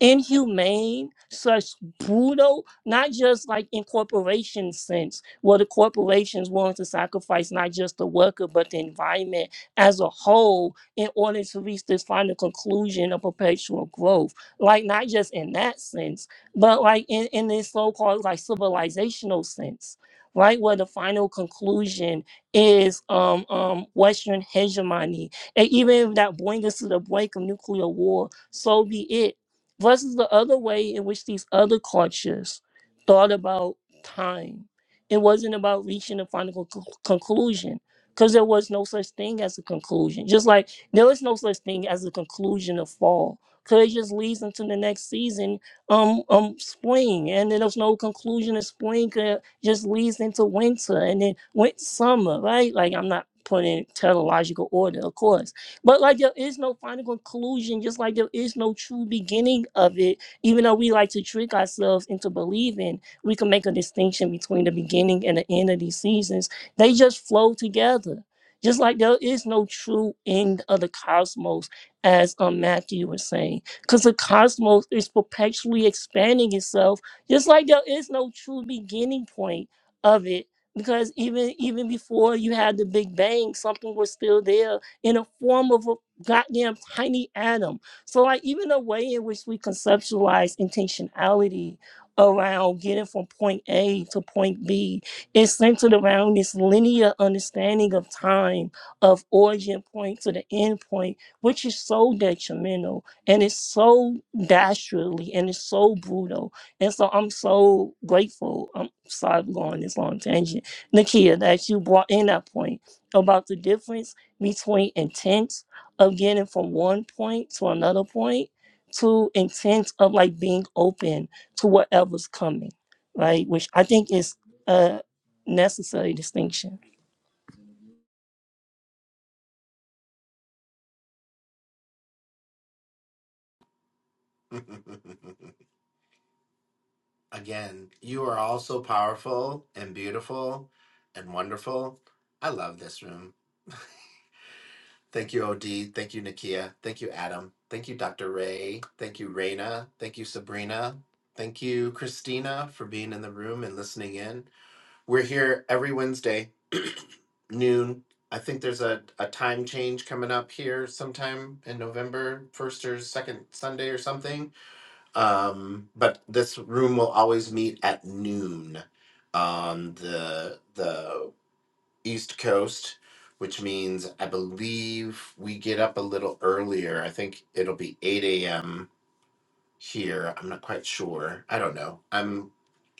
inhumane, such brutal, not just like in corporation sense, where the corporations willing to sacrifice not just the worker but the environment as a whole in order to reach this final conclusion of perpetual growth. Like not just in that sense, but like in, in this so-called like civilizational sense. Right where the final conclusion is um, um, Western hegemony, and even if that brings us to the brink of nuclear war, so be it versus the other way in which these other cultures thought about time. It wasn't about reaching a final conc- conclusion because there was no such thing as a conclusion. Just like there is no such thing as a conclusion of fall because it just leads into the next season, um, um, spring, and then there's no conclusion of spring. 'cause It just leads into winter and then went summer, right? Like I'm not putting it in chronological order, of course but like there is no final conclusion, just like there is no true beginning of it. Even though we like to trick ourselves into believing, we can make a distinction between the beginning and the end of these seasons. They just flow together. Just like there is no true end of the cosmos, as um, Matthew was saying, because the cosmos is perpetually expanding itself. Just like there is no true beginning point of it, because even even before you had the Big Bang, something was still there in a form of a goddamn tiny atom. So, like, even the way in which we conceptualize intentionality around getting from point A to point B is centered around this linear understanding of time, of origin point to the end point, which is so detrimental and it's so dastardly and it's so brutal. And so, I'm so grateful. I'm sorry I'm going on this long tangent, Nakia, that you brought in that point about the difference between intent of getting from one point to another point to intent of like being open to whatever's coming, right? Which I think is a necessary distinction. Again, you are all so powerful and beautiful and wonderful. I love this room. Thank you, OD. Thank you, Nakia. Thank you, Adam. Thank you, Dr. Ray. Thank you, Raina. Thank you, Sabrina. Thank you, Christina, for being in the room and listening in. We're here every Wednesday, noon. I think there's a, a time change coming up here sometime in November, first or second Sunday or something. Um, but this room will always meet at noon on the the East Coast, which means I believe we get up a little earlier. I think it'll be 8 a.m. here. I'm not quite sure. I don't know. I'm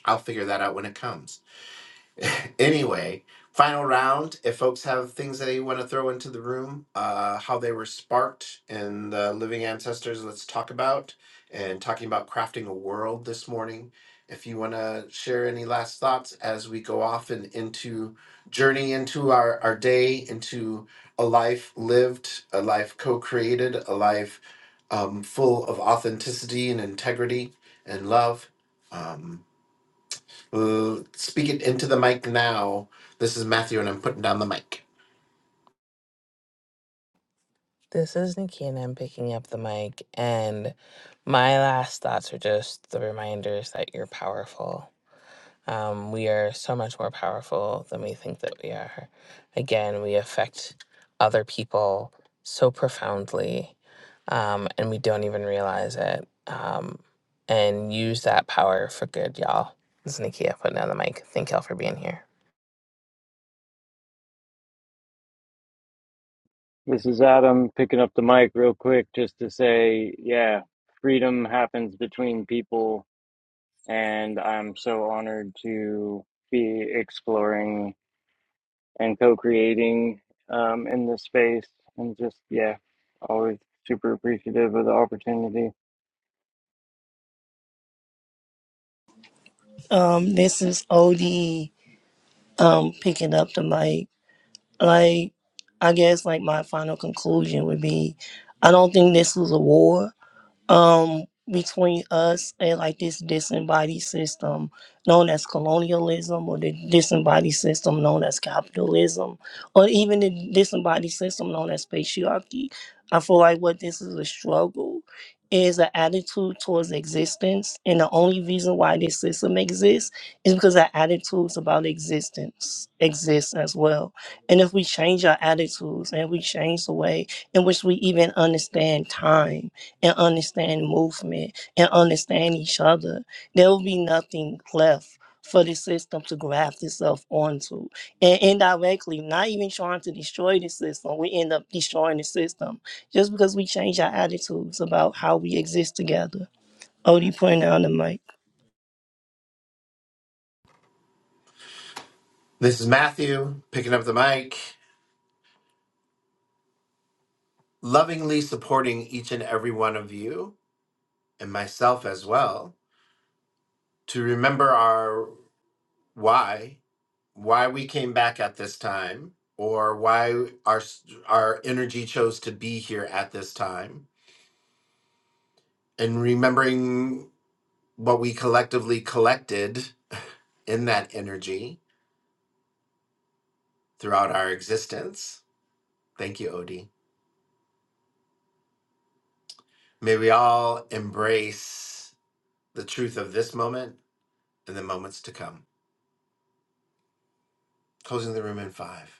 I'll figure that out when it comes. anyway, final round. If folks have things that they want to throw into the room, uh, how they were sparked and the living ancestors, let's talk about. And talking about crafting a world this morning. If you want to share any last thoughts as we go off and into journey into our, our day, into a life lived, a life co created, a life um, full of authenticity and integrity and love. Um, L- Speak it into the mic now. This is Matthew, and I'm putting down the mic. This is Nikia and I'm picking up the mic and my last thoughts are just the reminders that you're powerful Um, we are so much more powerful than we think that we are. Again, we affect other people so profoundly, um, and we don't even realize it. Um, and use that power for good, y'all. This is Nikia putting down the mic. Thank y'all for being here. This is Adam picking up the mic real quick just to say, yeah, freedom happens between people and I'm so honored to be exploring and co-creating um, in this space. And just yeah, always super appreciative of the opportunity. Um, this is OD um picking up the mic. Like I guess like my final conclusion would be I don't think this was a war. um between us and like this disembodied system known as colonialism or the disembodied system known as capitalism or even the disembodied system known as patriarchy i feel like what this is a struggle is an attitude towards existence and the only reason why this system exists is because our attitudes about existence exist as well and if we change our attitudes and we change the way in which we even understand time and understand movement and understand each other, there will be nothing left for the system to graft itself onto. And indirectly, not even trying to destroy the system, we end up destroying the system just because we change our attitudes about how we exist together. Odie, putting down the mic. This is Matthew picking up the mic, lovingly supporting each and every one of you and myself as well to remember our why, why we came back at this time, or why our s- our energy chose to be here at this time, and remembering what we collectively collected in that energy throughout our existence. Thank you, Odie. May we all embrace the truth of this moment and the moments to come. Closing the room in five.